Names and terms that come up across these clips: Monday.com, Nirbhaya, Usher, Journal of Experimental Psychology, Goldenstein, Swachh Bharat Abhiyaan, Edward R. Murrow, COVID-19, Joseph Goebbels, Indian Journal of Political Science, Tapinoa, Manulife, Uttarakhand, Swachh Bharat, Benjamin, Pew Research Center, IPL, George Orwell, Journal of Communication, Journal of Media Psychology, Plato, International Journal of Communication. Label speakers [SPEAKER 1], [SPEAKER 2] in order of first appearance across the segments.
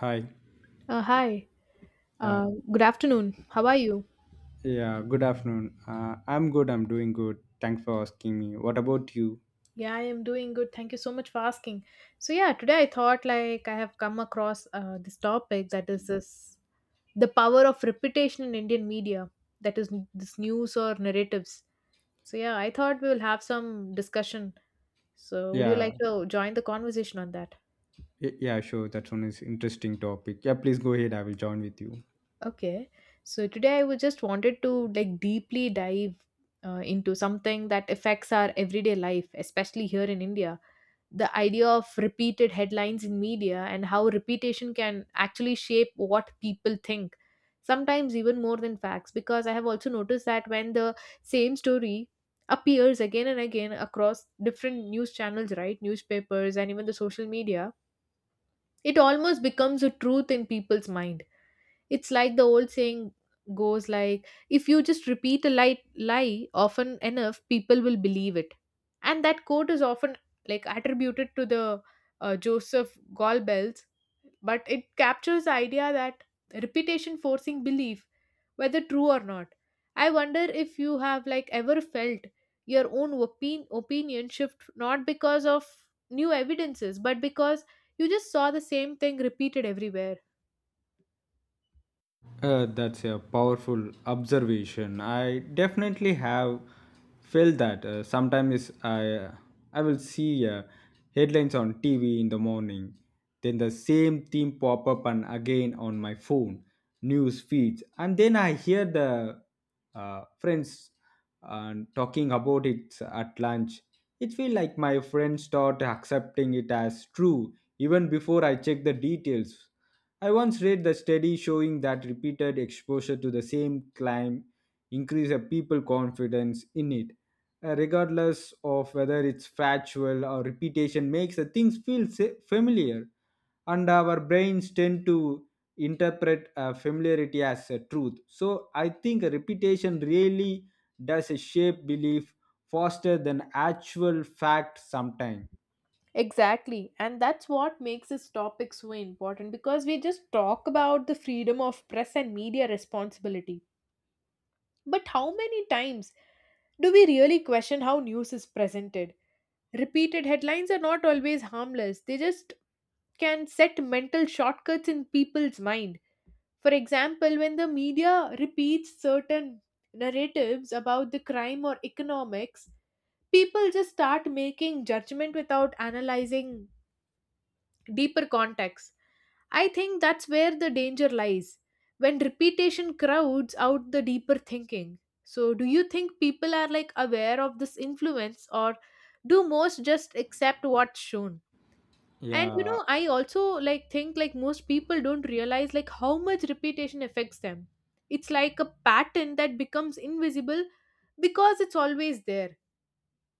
[SPEAKER 1] Hi.
[SPEAKER 2] Hi.
[SPEAKER 1] Uh,
[SPEAKER 2] Good afternoon. How are you?
[SPEAKER 1] yeah, good afternoon. I'm good. I'm doing good. Thanks for asking me. What about you?
[SPEAKER 2] Yeah, I am doing good. Thank you so much for asking. So yeah, today I thought like I have come across this topic, that is this the power of reputation in Indian media, that is this news or narratives. So yeah, I thought we will have some discussion. So would you
[SPEAKER 1] Yeah,
[SPEAKER 2] like to join the conversation on that?
[SPEAKER 1] yeah, sure. That one is interesting topic. Yeah, please go ahead. I will join with you.
[SPEAKER 2] Okay. So today I was just wanted to like deeply dive into something that affects our everyday life, especially here in India, the idea of repeated headlines in media and how repetition can actually shape what people think, sometimes even more than facts, because I have also noticed that when the same story appears again and again across different news channels, right, newspapers and even the social media, it almost becomes a truth in people's mind. It's like the old saying goes, like, if you just repeat a light lie often enough, people will believe it. And that quote is often like attributed to the Joseph Goebbels, but it captures the idea that repetition forcing belief, whether true or not. I wonder if you have like ever felt your own opinion shift not because of new evidences, but because you just saw the same thing repeated everywhere.
[SPEAKER 1] That's a powerful observation. I definitely have felt that. Sometimes I I will see headlines on TV in the morning, then the same theme pop up and again on my phone news feeds, and then I hear the friends and talking about it at lunch. It feels like my friends start accepting it as true even before I check the details. I once read the study showing that repeated exposure to the same climb increases people's confidence in it, regardless of whether it's factual or repetition makes the things feel familiar, and our brains tend to interpret familiarity as a truth. So I think a repetition really does a shape belief faster than actual fact sometimes.
[SPEAKER 2] Exactly. And that's what makes this topic so important, because we just talk about the freedom of press and media responsibility. But how many times do we really question how news is presented? Repeated headlines are not always harmless, they just can set mental shortcuts in people's mind. For example, when the media repeats certain narratives about the crime or economics, people just start making judgment without analyzing deeper context. I think that's where the danger lies, when repetition crowds out the deeper thinking. So, do you think people are like aware of this influence, or do most just accept what's shown? And you
[SPEAKER 1] Yeah,
[SPEAKER 2] know, I also like think like most people don't realize like how much repetition affects them. It's like a pattern that becomes invisible because it's always there.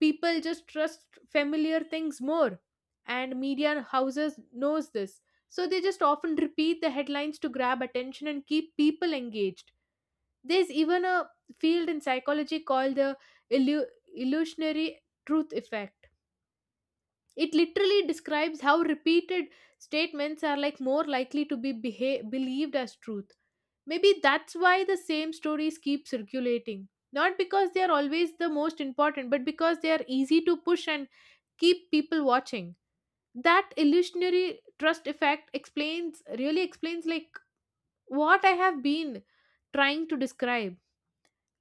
[SPEAKER 2] People just trust familiar things more, and media houses knows this, so they just often repeat the headlines to grab attention and keep people engaged. There's even a field in psychology called the illu- illusionary truth effect. It literally describes how repeated statements are like more likely to be believed as truth. Maybe that's why the same stories keep circulating, not because they are always the most important, but because they are easy to push and keep people watching. That illusionary trust effect explains, really explains, like what I have been trying to describe.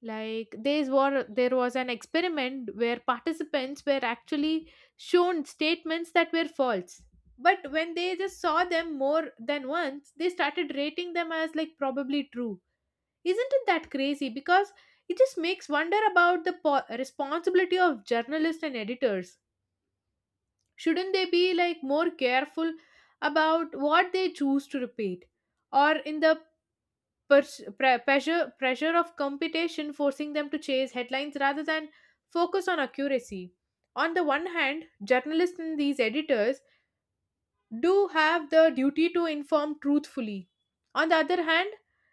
[SPEAKER 2] Like there's war, there was an experiment where participants were actually shown statements that were false, but when they just saw them more than once they started rating them as like probably true. Isn't it that crazy? Because it just makes wonder about the responsibility of journalists and editors. Shouldn't they be like more careful about what they choose to repeat? Or in the pressure of competition forcing them to chase headlines rather than focus on accuracy. On the one hand, journalists and these editors do have the duty to inform truthfully. On the other hand,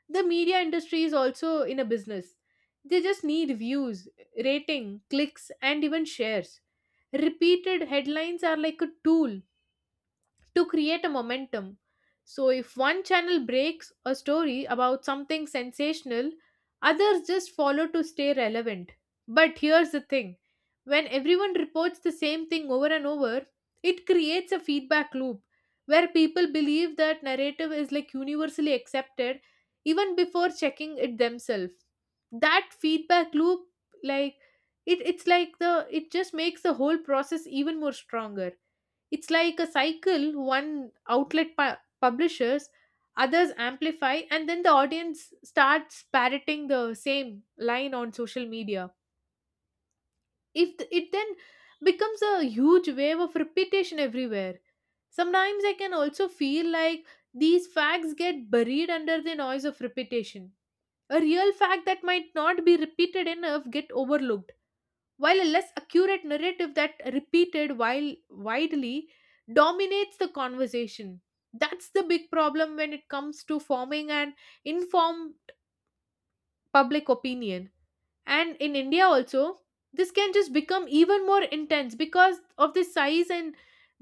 [SPEAKER 2] the media industry is also in a business. They just need views, rating, clicks, and even shares. Repeated headlines are like a tool to create a momentum. So if one channel breaks a story about something sensational, others just follow to stay relevant. But here's the thing, when everyone reports the same thing over and over, it creates a feedback loop where people believe that narrative is like universally accepted even before checking it themselves. That feedback loop, like it, just makes the whole process even more stronger. It's like a cycle: one outlet publishes, others amplify, and then the audience starts parroting the same line on social media. If th- it then becomes a huge wave of repetition everywhere. Sometimes I can also feel like these facts get buried under the noise of repetition. A real fact that might not be repeated enough get overlooked, while a less accurate narrative that repeated while widely dominates the conversation. That's the big problem when it comes to forming an informed public opinion. And in India also, this can just become even more intense because of the size and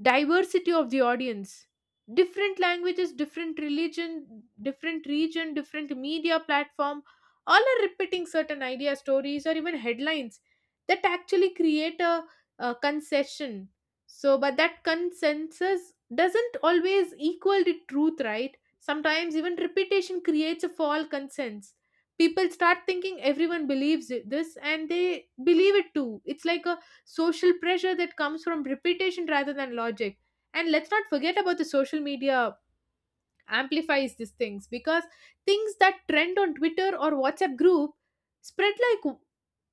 [SPEAKER 2] diversity of the audience. Different languages, different religion, different region, different media platform, all are repeating certain idea, stories, or even headlines that actually create a concession. So but that consensus doesn't always equal the truth, right? Sometimes even repetition creates a false consensus. People start thinking everyone believes it, this, and they believe it too. It's like a social pressure that comes from repetition rather than logic. And let's not forget about the social media amplifies these things, because things that trend on Twitter or WhatsApp group spread like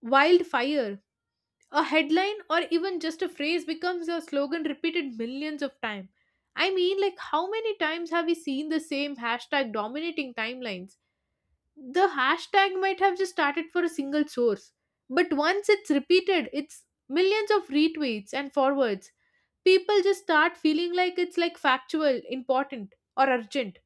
[SPEAKER 2] wildfire. A headline or even just a phrase becomes a slogan repeated millions of times. I mean, like, how many times have we seen the same hashtag dominating timelines? The hashtag might have just started for a single source, but once it's repeated it's millions of retweets and forwards. People just start feeling like it's like factual, important, or urgent.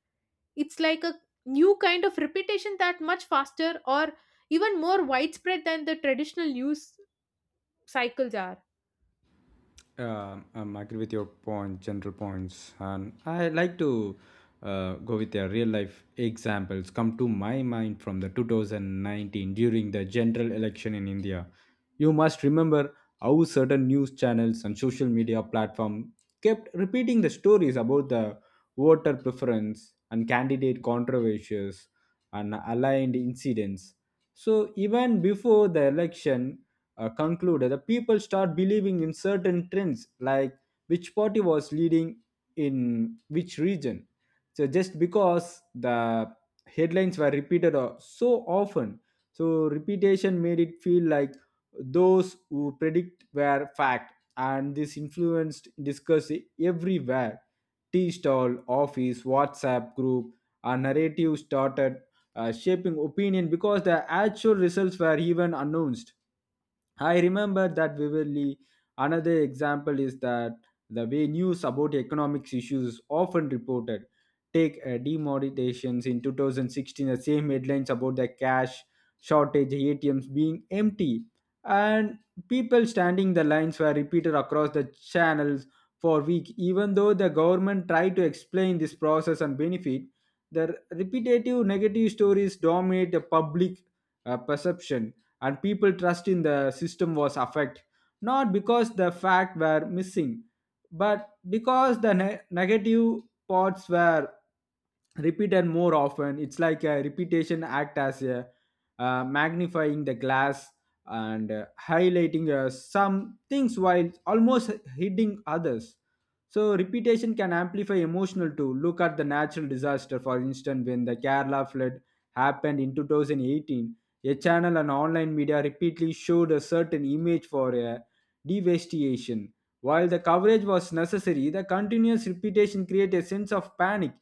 [SPEAKER 2] It's like a new kind of reputation that much faster or even more widespread than the traditional news cycles are.
[SPEAKER 1] I agree with your point, general points, and I like to go with the real life examples come to my mind from the 2019 during the general election in India. You must remember how certain news channels and social media platform kept repeating the stories about the voter preference and candidate controversies and aligned incidents. So even before the election, concluded that people start believing in certain trends like which party was leading in which region, so just because the headlines were repeated so often, so repetition made it feel like those who predict were fact, and this influenced discussion everywhere, tea stall, office, WhatsApp group. A narrative started shaping opinion because the actual results were even announced. I remember that vividly. Another example is that the way news about economics issues is often reported. Take demonetizations in 2016, the same headlines about the cash shortage, ATMs being empty, and people standing the lines were repeated across the channels for week. Even though the government tried to explain this process and benefit, the repetitive negative stories dominate the public perception, and people trust in the system was affected not because the facts were missing, but because the negative parts were repeated more often. It's like a repetition act as a magnifying the glass and highlighting some things while almost hitting others. So repetition can amplify emotional too. Look at the natural disaster, for instance, when the Kerala flood happened in 2018. A channel and online media repeatedly showed a certain image for a devastation. While the coverage was necessary, the continuous repetition created a sense of panic.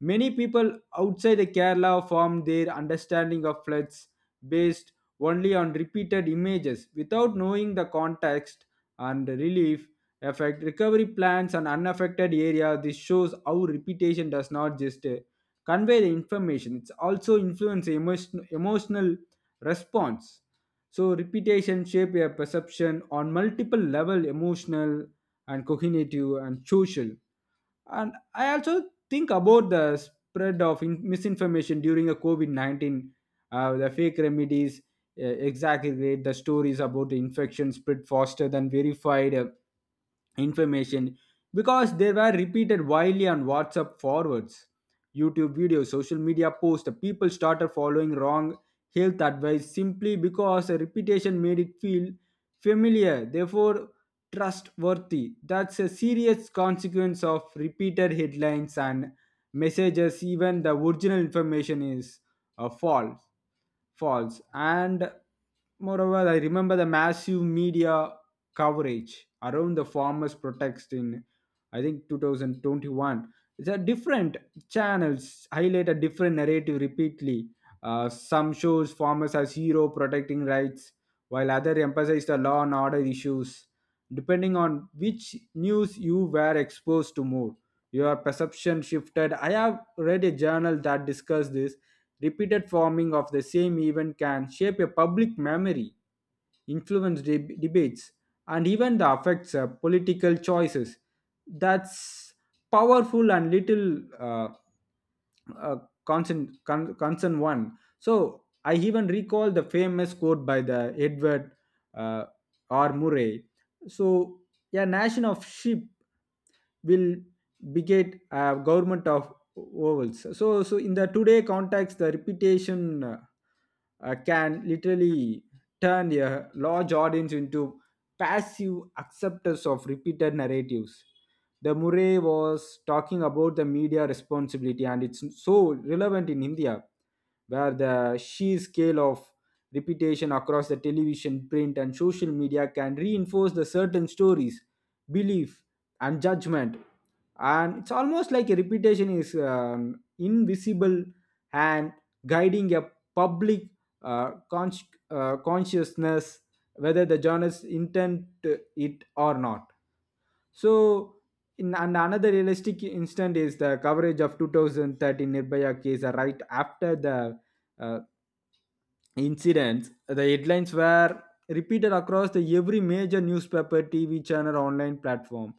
[SPEAKER 1] Many people outside the Kerala formed their understanding of floods based only on repeated images without knowing the context and relief affect recovery plans on unaffected area. This shows how repetition does not just convey the information; it's also influence emotion, emotional response. So repetition shape a perception on multiple level, emotional and cognitive and social. And I also think about the spread of misinformation during a covid-19, the fake remedies exaggerate the stories about the infection spread faster than verified information because they were repeated widely on WhatsApp forwards, YouTube videos, social media posts. The people started following wrong health advice simply because the repetition made it feel familiar, therefore trustworthy. That's a serious consequence of repeated headlines and messages, even the original information is false. False. And moreover, I remember the massive media coverage around the farmers' protest in, I think, 2021. The different channels highlight a different narrative repeatedly. Some shows farmers as hero protecting rights, while other emphasize the law and order issues depending on which news you were exposed to more. Your perception shifted. I have read a journal that discussed this repeated forming of the same event can shape a public memory, influence debates, and even the affects political choices. That's powerful and little uh, uh, concern, con- concern one. So I even recall the famous quote by the Edward uh, R. Murray, so, "A nation of sheep will beget a government of ovals." So so in the today context, the reputation can literally turn a large audience into passive acceptors of repeated narratives. The Murray was talking about the media responsibility, and it's so relevant in India, where the sheer scale of repetition across the television, print and social media can reinforce the certain stories, belief and judgment. And it's almost like a reputation is invisible and guiding a public uh, cons- consciousness, whether the journalist intend to it or not. So in and another realistic instance is the coverage of 2013 Nirbhaya case right after the uh, incidents. The headlines were repeated across the every major newspaper, TV channel, online platform.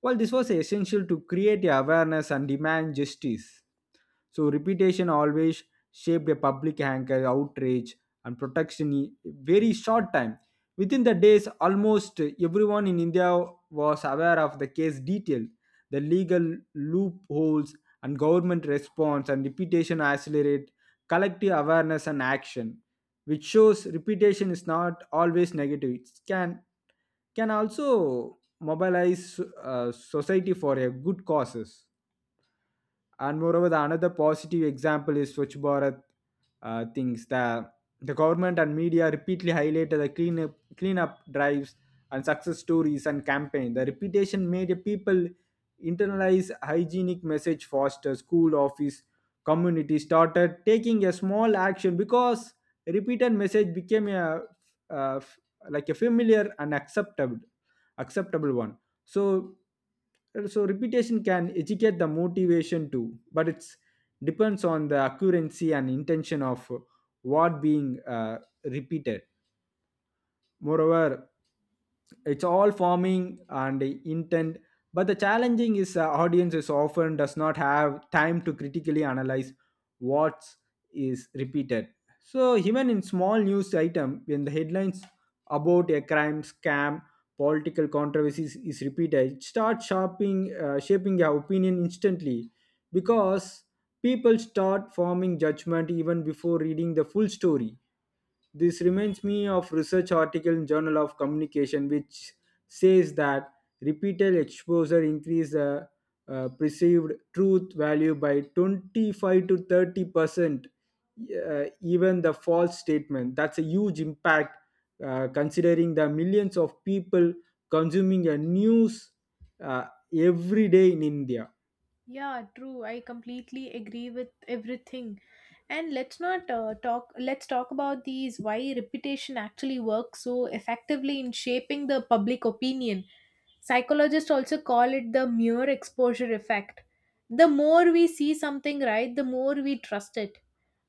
[SPEAKER 1] While this was essential to create awareness and demand justice. So reputation always shaped a public anger, outrage, and protection in very short time. Within the days, almost everyone in India was aware of the case detail, the legal loopholes, and government response. And reputation accelerate collective awareness and action, which shows reputation is not always negative. It can also mobilize society for a good causes. And moreover, the another positive example is Swachh Bharat things. The government and media repeatedly highlighted the cleanup drives and success stories and campaign. The repetition made the people internalize hygienic message. Foster, school, office, community started taking a small action because repeated message became a uh, like a familiar and acceptable one. So so repetition can educate the motivation too, but it's depends on the accuracy and intention of what being repeated. Moreover, it's all forming and intent, but the challenging is audience often does not have time to critically analyze what is repeated. So even in small news item, when the headlines about a crime, scam, political controversies is repeated, it starts shaping shaping your opinion instantly because people start forming judgment even before reading the full story. This reminds me of research article in Journal of Communication, which says that repeated exposure increase the perceived truth value by 25 to 30%, even the false statement. That's a huge impact, considering the millions of people consuming a news uh, every day in India,
[SPEAKER 2] Yeah, true. I completely agree with everything. And let's not talk, let's talk about these why reputation actually works so effectively in shaping the public opinion. Psychologists also call it the mere exposure effect. The more we see something, right, the more we trust it.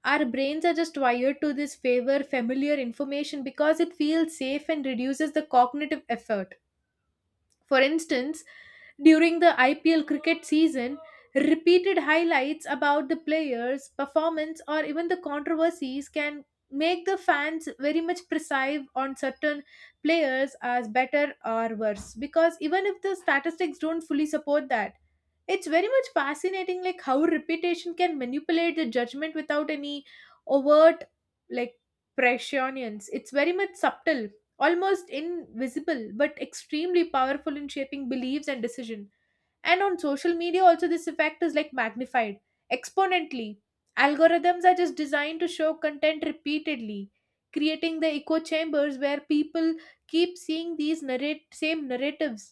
[SPEAKER 2] Our brains are just wired to this favor familiar information because it feels safe and reduces the cognitive effort. For instance, during the IPL cricket season, repeated highlights about the players' performance or even the controversies can make the fans very much precise on certain players as better or worse, because even if the statistics don't fully support that, it's very much fascinating like how reputation can manipulate the judgment without any overt like prescience. It's very much subtle, almost invisible, but extremely powerful in shaping beliefs and decision. And on social media also this effect is like magnified exponentially. Algorithms are just designed to show content repeatedly, creating the echo chambers where people keep seeing these narrate same narratives.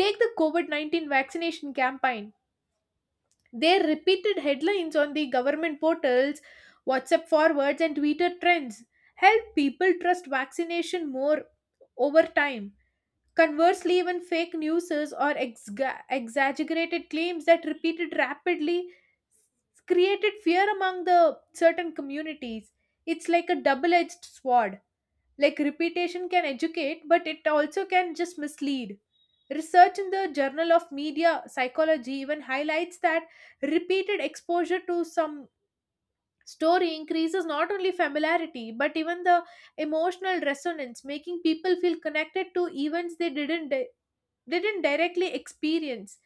[SPEAKER 2] Take the COVID-19 vaccination campaign. Their repeated headlines on the government portals, WhatsApp forwards, and Twitter trends help people trust vaccination more over time. Conversely, even fake news or exga exaggerated claims that repeated rapidly created fear among the certain communities. It's like a double edged sword. Like repetition can educate, but it also can just mislead. Research in the Journal of Media Psychology even highlights that repeated exposure to some story increases not only familiarity but even the emotional resonance, making people feel connected to events they didn't directly experience.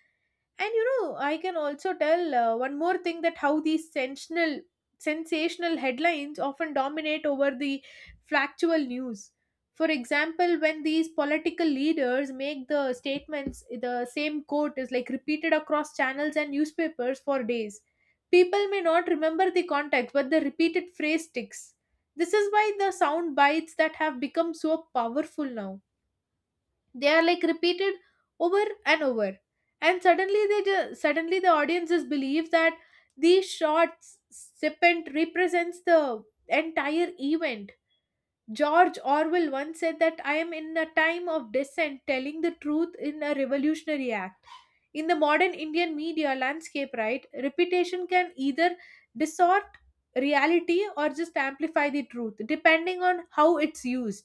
[SPEAKER 2] And you know, I can also tell one more thing, that how these sensational headlines often dominate over the factual news. For example, when these political leaders make the statements, the same quote is like repeated across channels and newspapers for days. People may not remember the context, but the repeated phrase sticks. This is why the sound bites that have become so powerful now, they are like repeated over and over, and suddenly the audience just believes that these shots serpent represents the entire event. George Orwell once said that, "I am in a time of dissent telling the truth in a revolutionary act." In the modern Indian media landscape, right, reputation can either distort reality or just amplify the truth depending on how it's used.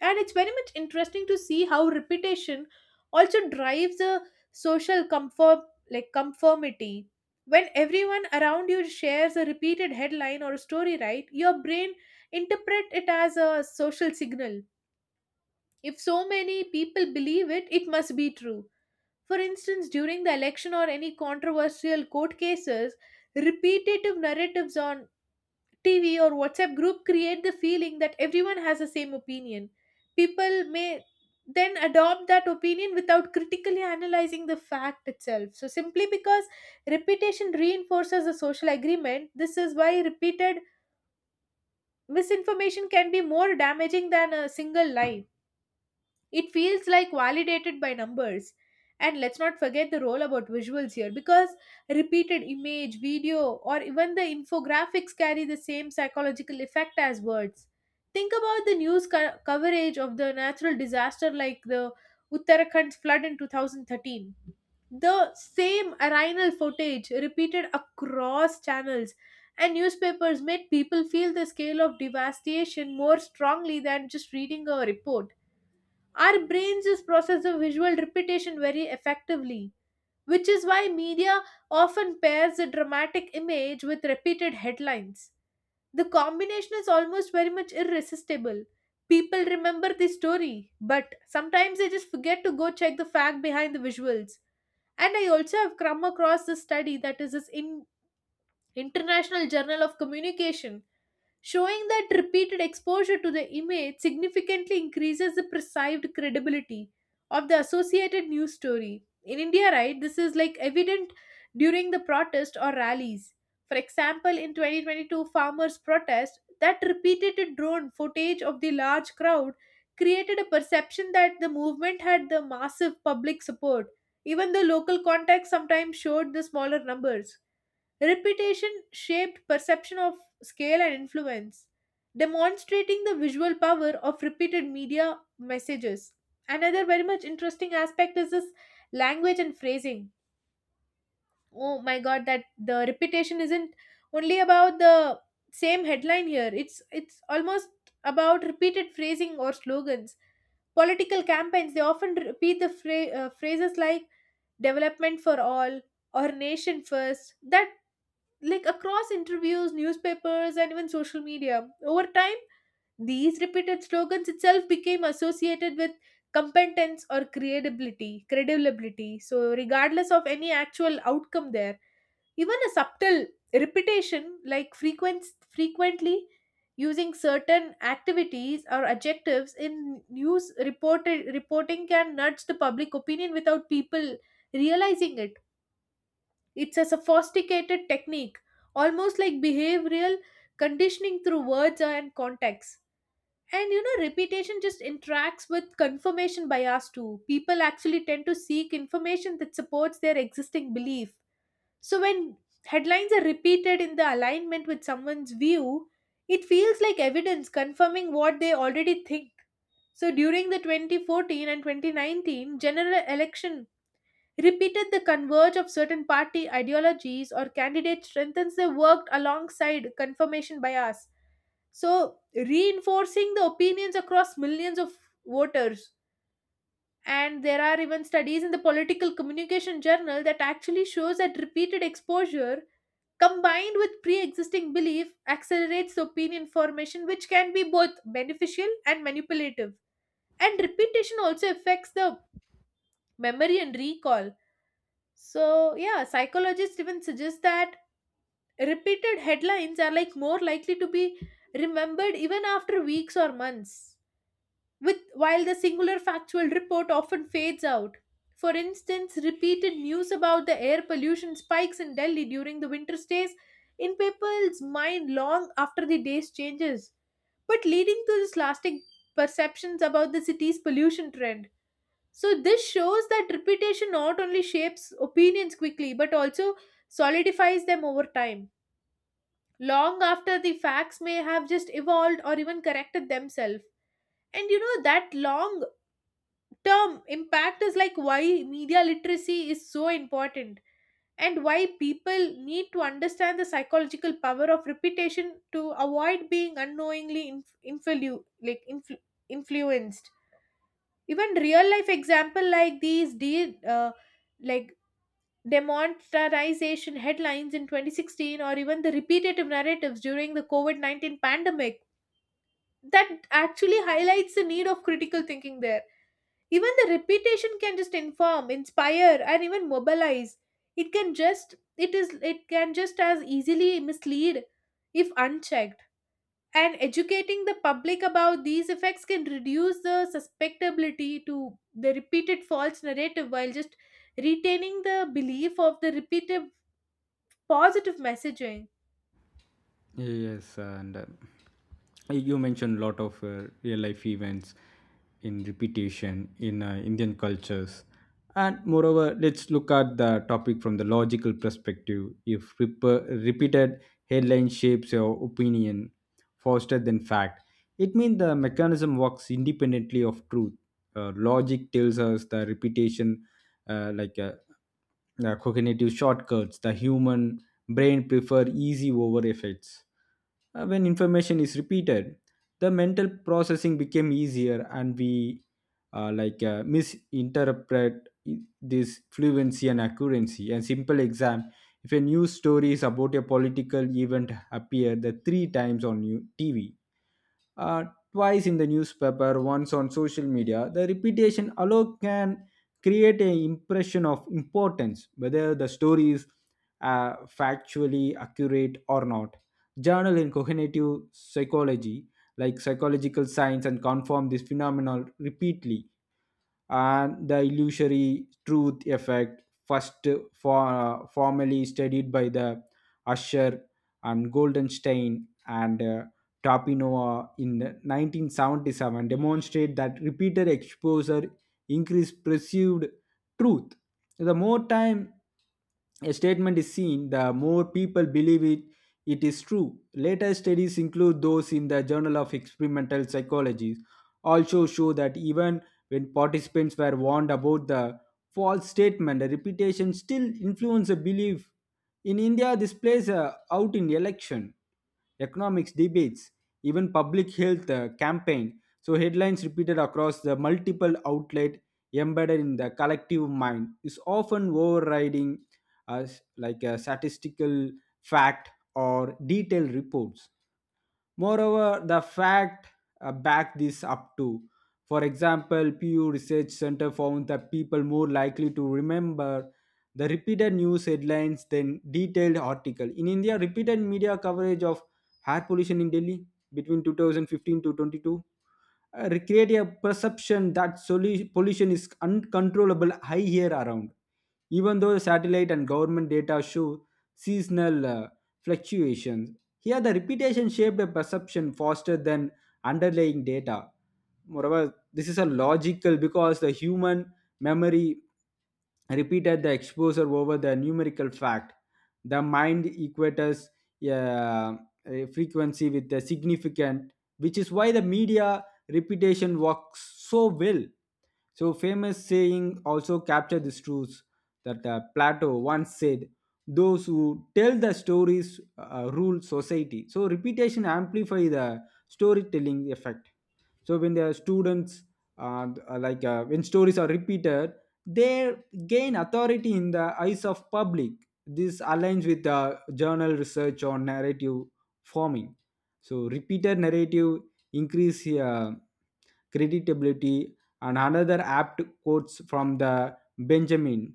[SPEAKER 2] And it's very much interesting to see how reputation also drives a social comfort, like conformity. When everyone around you shares a repeated headline or a story, right, your brain interpret it as a social signal. If so many people believe it, it must be true. For instance, during the election or any controversial court cases, repetitive narratives on TV or WhatsApp group create the feeling that everyone has the same opinion. People may then adopt that opinion without critically analyzing the fact itself. So, simply because repetition reinforces a social agreement, this is why repeated misinformation can be more damaging than a single lie. It feels like validated by numbers. And let's not forget the role about visuals here, because repeated image, video, or even the infographics carry the same psychological effect as words. Think about the news coverage of the natural disaster like the Uttarakhand flood in 2013. The same aerial footage repeated across channels and newspapers made people feel the scale of devastation more strongly than just reading a report. Our brains just process the visual repetition very effectively, which is why media often pairs a dramatic image with repeated headlines. The combination is almost very much irresistible. People remember the story, but sometimes they just forget to go check the fact behind the visuals. And I also have come across this study that is this in International Journal of Communication, showing that repeated exposure to the image significantly increases the perceived credibility of the associated news story. In India, right, this is like evident during the protest or rallies. For example, in 2022 farmers' protest, that repeated drone footage of the large crowd created a perception that the movement had the massive public support. Even the local contacts sometimes showed the smaller numbers. Repetition shaped perception of scale and influence, demonstrating the visual power of repeated media messages. Another very much interesting aspect is this language and phrasing. Oh my god, that the repetition isn't only about the same headline here. It's almost about repeated phrasing or slogans. Political campaigns they often repeat the phrases like development for all or nation first, that like across interviews, newspapers, and even social media. Over time, these repeated slogans itself became associated with competence or credibility. So, regardless of any actual outcome there, even a subtle repetition like frequently using certain activities or adjectives in news reported reporting can nudge the public opinion without people realizing it. It's a sophisticated technique, almost like behavioral conditioning through words and context. And you know, repetition just interacts with confirmation bias too. People actually tend to seek information that supports their existing belief. So when headlines are repeated in the alignment with someone's view, it feels like evidence confirming what they already think. So during the 2014 and 2019 general election, repeated the converge of certain party ideologies or candidates strengthens their work alongside confirmation bias, so reinforcing the opinions across millions of voters. And there are even studies in the political communication journal that actually shows that repeated exposure combined with pre-existing belief accelerates opinion formation, which can be both beneficial and manipulative. And repetition also affects the memory and recall. So, yeah, psychologists even suggest that repeated headlines are like more likely to be remembered even after weeks or months, with while the singular factual report often fades out. For instance, repeated news about the air pollution spikes in Delhi during the winter stays in people's mind long after the day's changes, but leading to this lasting perceptions about the city's pollution trend. So this shows that reputation not only shapes opinions quickly but also solidifies them over time, long after the facts may have just evolved or even corrected themselves. And you know that long term impact is like why media literacy is so important, and why people need to understand the psychological power of repetition to avoid being unknowingly influ- like influ- influenced. Even real life example like these like demonetization headlines in 2016 or even the repetitive narratives during the covid-19 pandemic that actually highlights the need of critical thinking there. Even the repetition can just inform, inspire, and even mobilize. It can just as easily mislead if unchecked. And educating the public about these effects can reduce the susceptibility to the repeated false narrative, while just retaining the belief of the repeated positive messaging.
[SPEAKER 1] in repetition in Indian cultures. And moreover, let's look at the topic from the logical perspective. If repeated headline shapes your opinion faster than fact, it means the mechanism works independently of truth. Logic tells us the repetition uh, like uh, cognitive shortcuts. The human brain prefer easy over effects. When information is repeated, the mental processing became easier, and we misinterpret this fluency and accuracy. A simple exam: if a news story is about a political event appear the three times on new TV, uh, twice in the newspaper, once on social media, the repetition alone can create an impression of importance whether the story is factually accurate or not. Journal in cognitive psychology like psychological science and confirm this phenomenon repeatedly. And the illusory truth effect, formally studied by the Usher and Goldenstein and Tapinoa in 1977, demonstrate that repeated exposure increase perceived truth. The more time a statement is seen, the more people believe it, it is true. Later studies include those in the Journal of Experimental Psychology also show that even when participants were warned about the false statement, the reputation still influences the belief. In India, this plays out in election, economics debates, even public health campaign. So headlines repeated across the multiple outlet embedded in the collective mind is often overriding as like a statistical fact or detailed reports. Moreover, the fact back this up too. For example, Pew Research Center found that people more likely to remember the repeated news headlines than detailed article. In India, repeated media coverage of air pollution in Delhi between 2015 to 22 create a perception that pollution is uncontrollable high here around, even though satellite and government data show seasonal fluctuations. Here, the repetition shaped a perception faster than underlying data. Moreover, this is a logical because the human memory repeated the exposure over the numerical fact. The mind equates uh, a frequency with the significant, which is why the media repetition works so well. So famous saying also capture this truth, that Plato once said, "Those who tell the stories rule society." So repetition amplify the storytelling effect. So when the students when stories are repeated, they gain authority in the eyes of public. This aligns with the journal research on narrative forming. So repeated narrative increase uh, creditability. And another apt quotes from the Benjamin,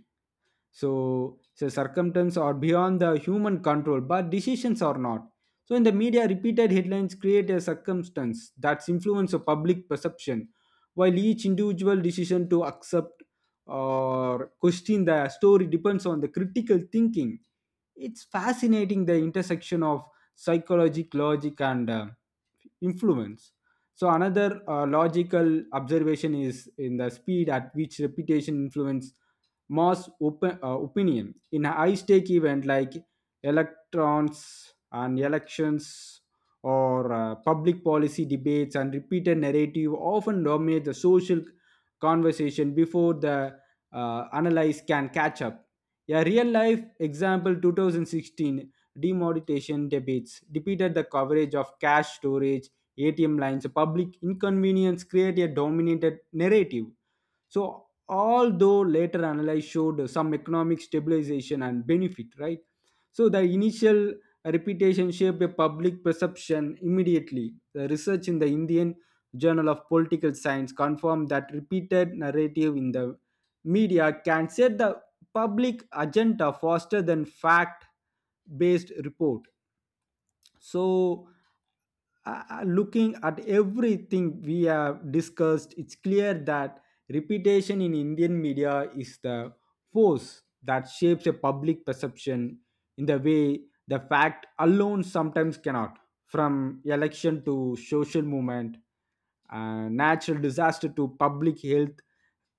[SPEAKER 1] so, so circumstances are beyond the human control, but decisions are not. So, in the media, repeated headlines create a circumstance that's influence of public perception, while each individual decision to accept or question the story depends on the critical thinking. It's fascinating the intersection of psychology, logic, and influence. So another logical observation is in the speed at which reputation influence mass opinion in a high stake event like electrons and elections or public policy debates, and repeated narrative often dominate the social conversation before the analyze can catch up. A real life example, 2016 demonetization debates depleted the coverage of cash storage, ATM lines, public inconvenience, create a dominated narrative. So, although later analysis showed some economic stabilization and benefit, right? So, the initial reputation shaped a public perception immediately. The research in the Indian Journal of Political Science confirmed that repeated narrative in the media can set the public agenda faster than fact based report. So looking at everything we have discussed, it's clear that reputation in Indian media is the force that shapes a public perception in the way the fact alone sometimes cannot. From election to social movement, natural disaster to public health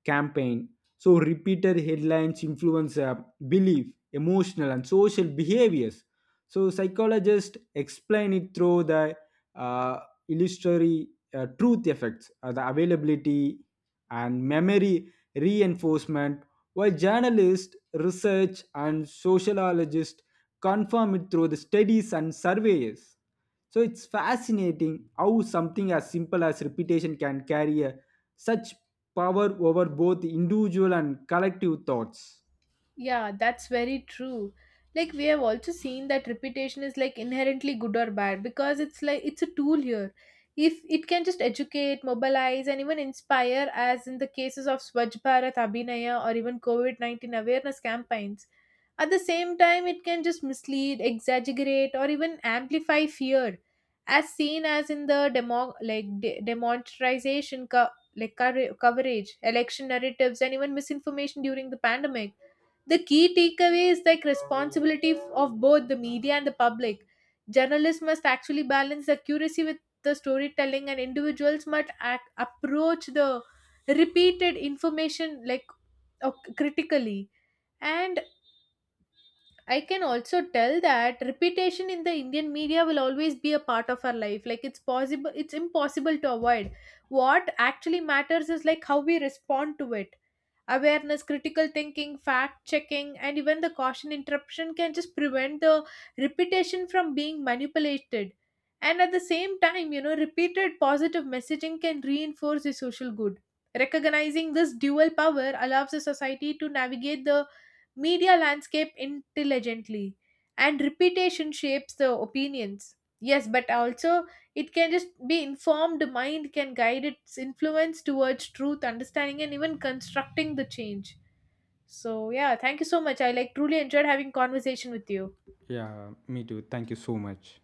[SPEAKER 1] campaign, so repeated headlines influence belief, emotional and social behaviors. So psychologists explain it through the uh, illusory truth effects, the availability and memory reinforcement, while journalists research and sociologists confirm it through the studies and surveys. So it's fascinating how something as simple as repetition can carry a, such power over both individual and collective thoughts.
[SPEAKER 2] Yeah, that's very true. Like we have also seen that reputation is like inherently good or bad because it's a tool here. If it can just educate, mobilize, and even inspire, as in the cases of Swachh Bharat Abhinaya or even COVID COVID-19 awareness campaigns, at the same time, it can just mislead, exaggerate, or even amplify fear, as seen as in the demonetization coverage, election narratives, and even misinformation during the pandemic. The key takeaway is like responsibility of both the media and the public. Journalists must actually balance the accuracy with the storytelling, and individuals must approach the repeated information like uh, critically. And I can also tell that repetition in the Indian media will always be a part of our life. Like it's impossible to avoid. What actually matters is like how we respond to it. Awareness, critical thinking, fact checking, and even the caution interruption can just prevent the reputation from being manipulated. And at the same time, you know, repeated positive messaging can reinforce the social good. Recognizing this dual power allows the society to navigate the media landscape intelligently. And reputation shapes the opinions, yes, but also it can just be informed mind can guide its influence towards truth, understanding, and even constructing the change. So yeah, thank you so much. I like truly enjoyed having conversation with you.
[SPEAKER 1] Yeah, me too. Thank you so much.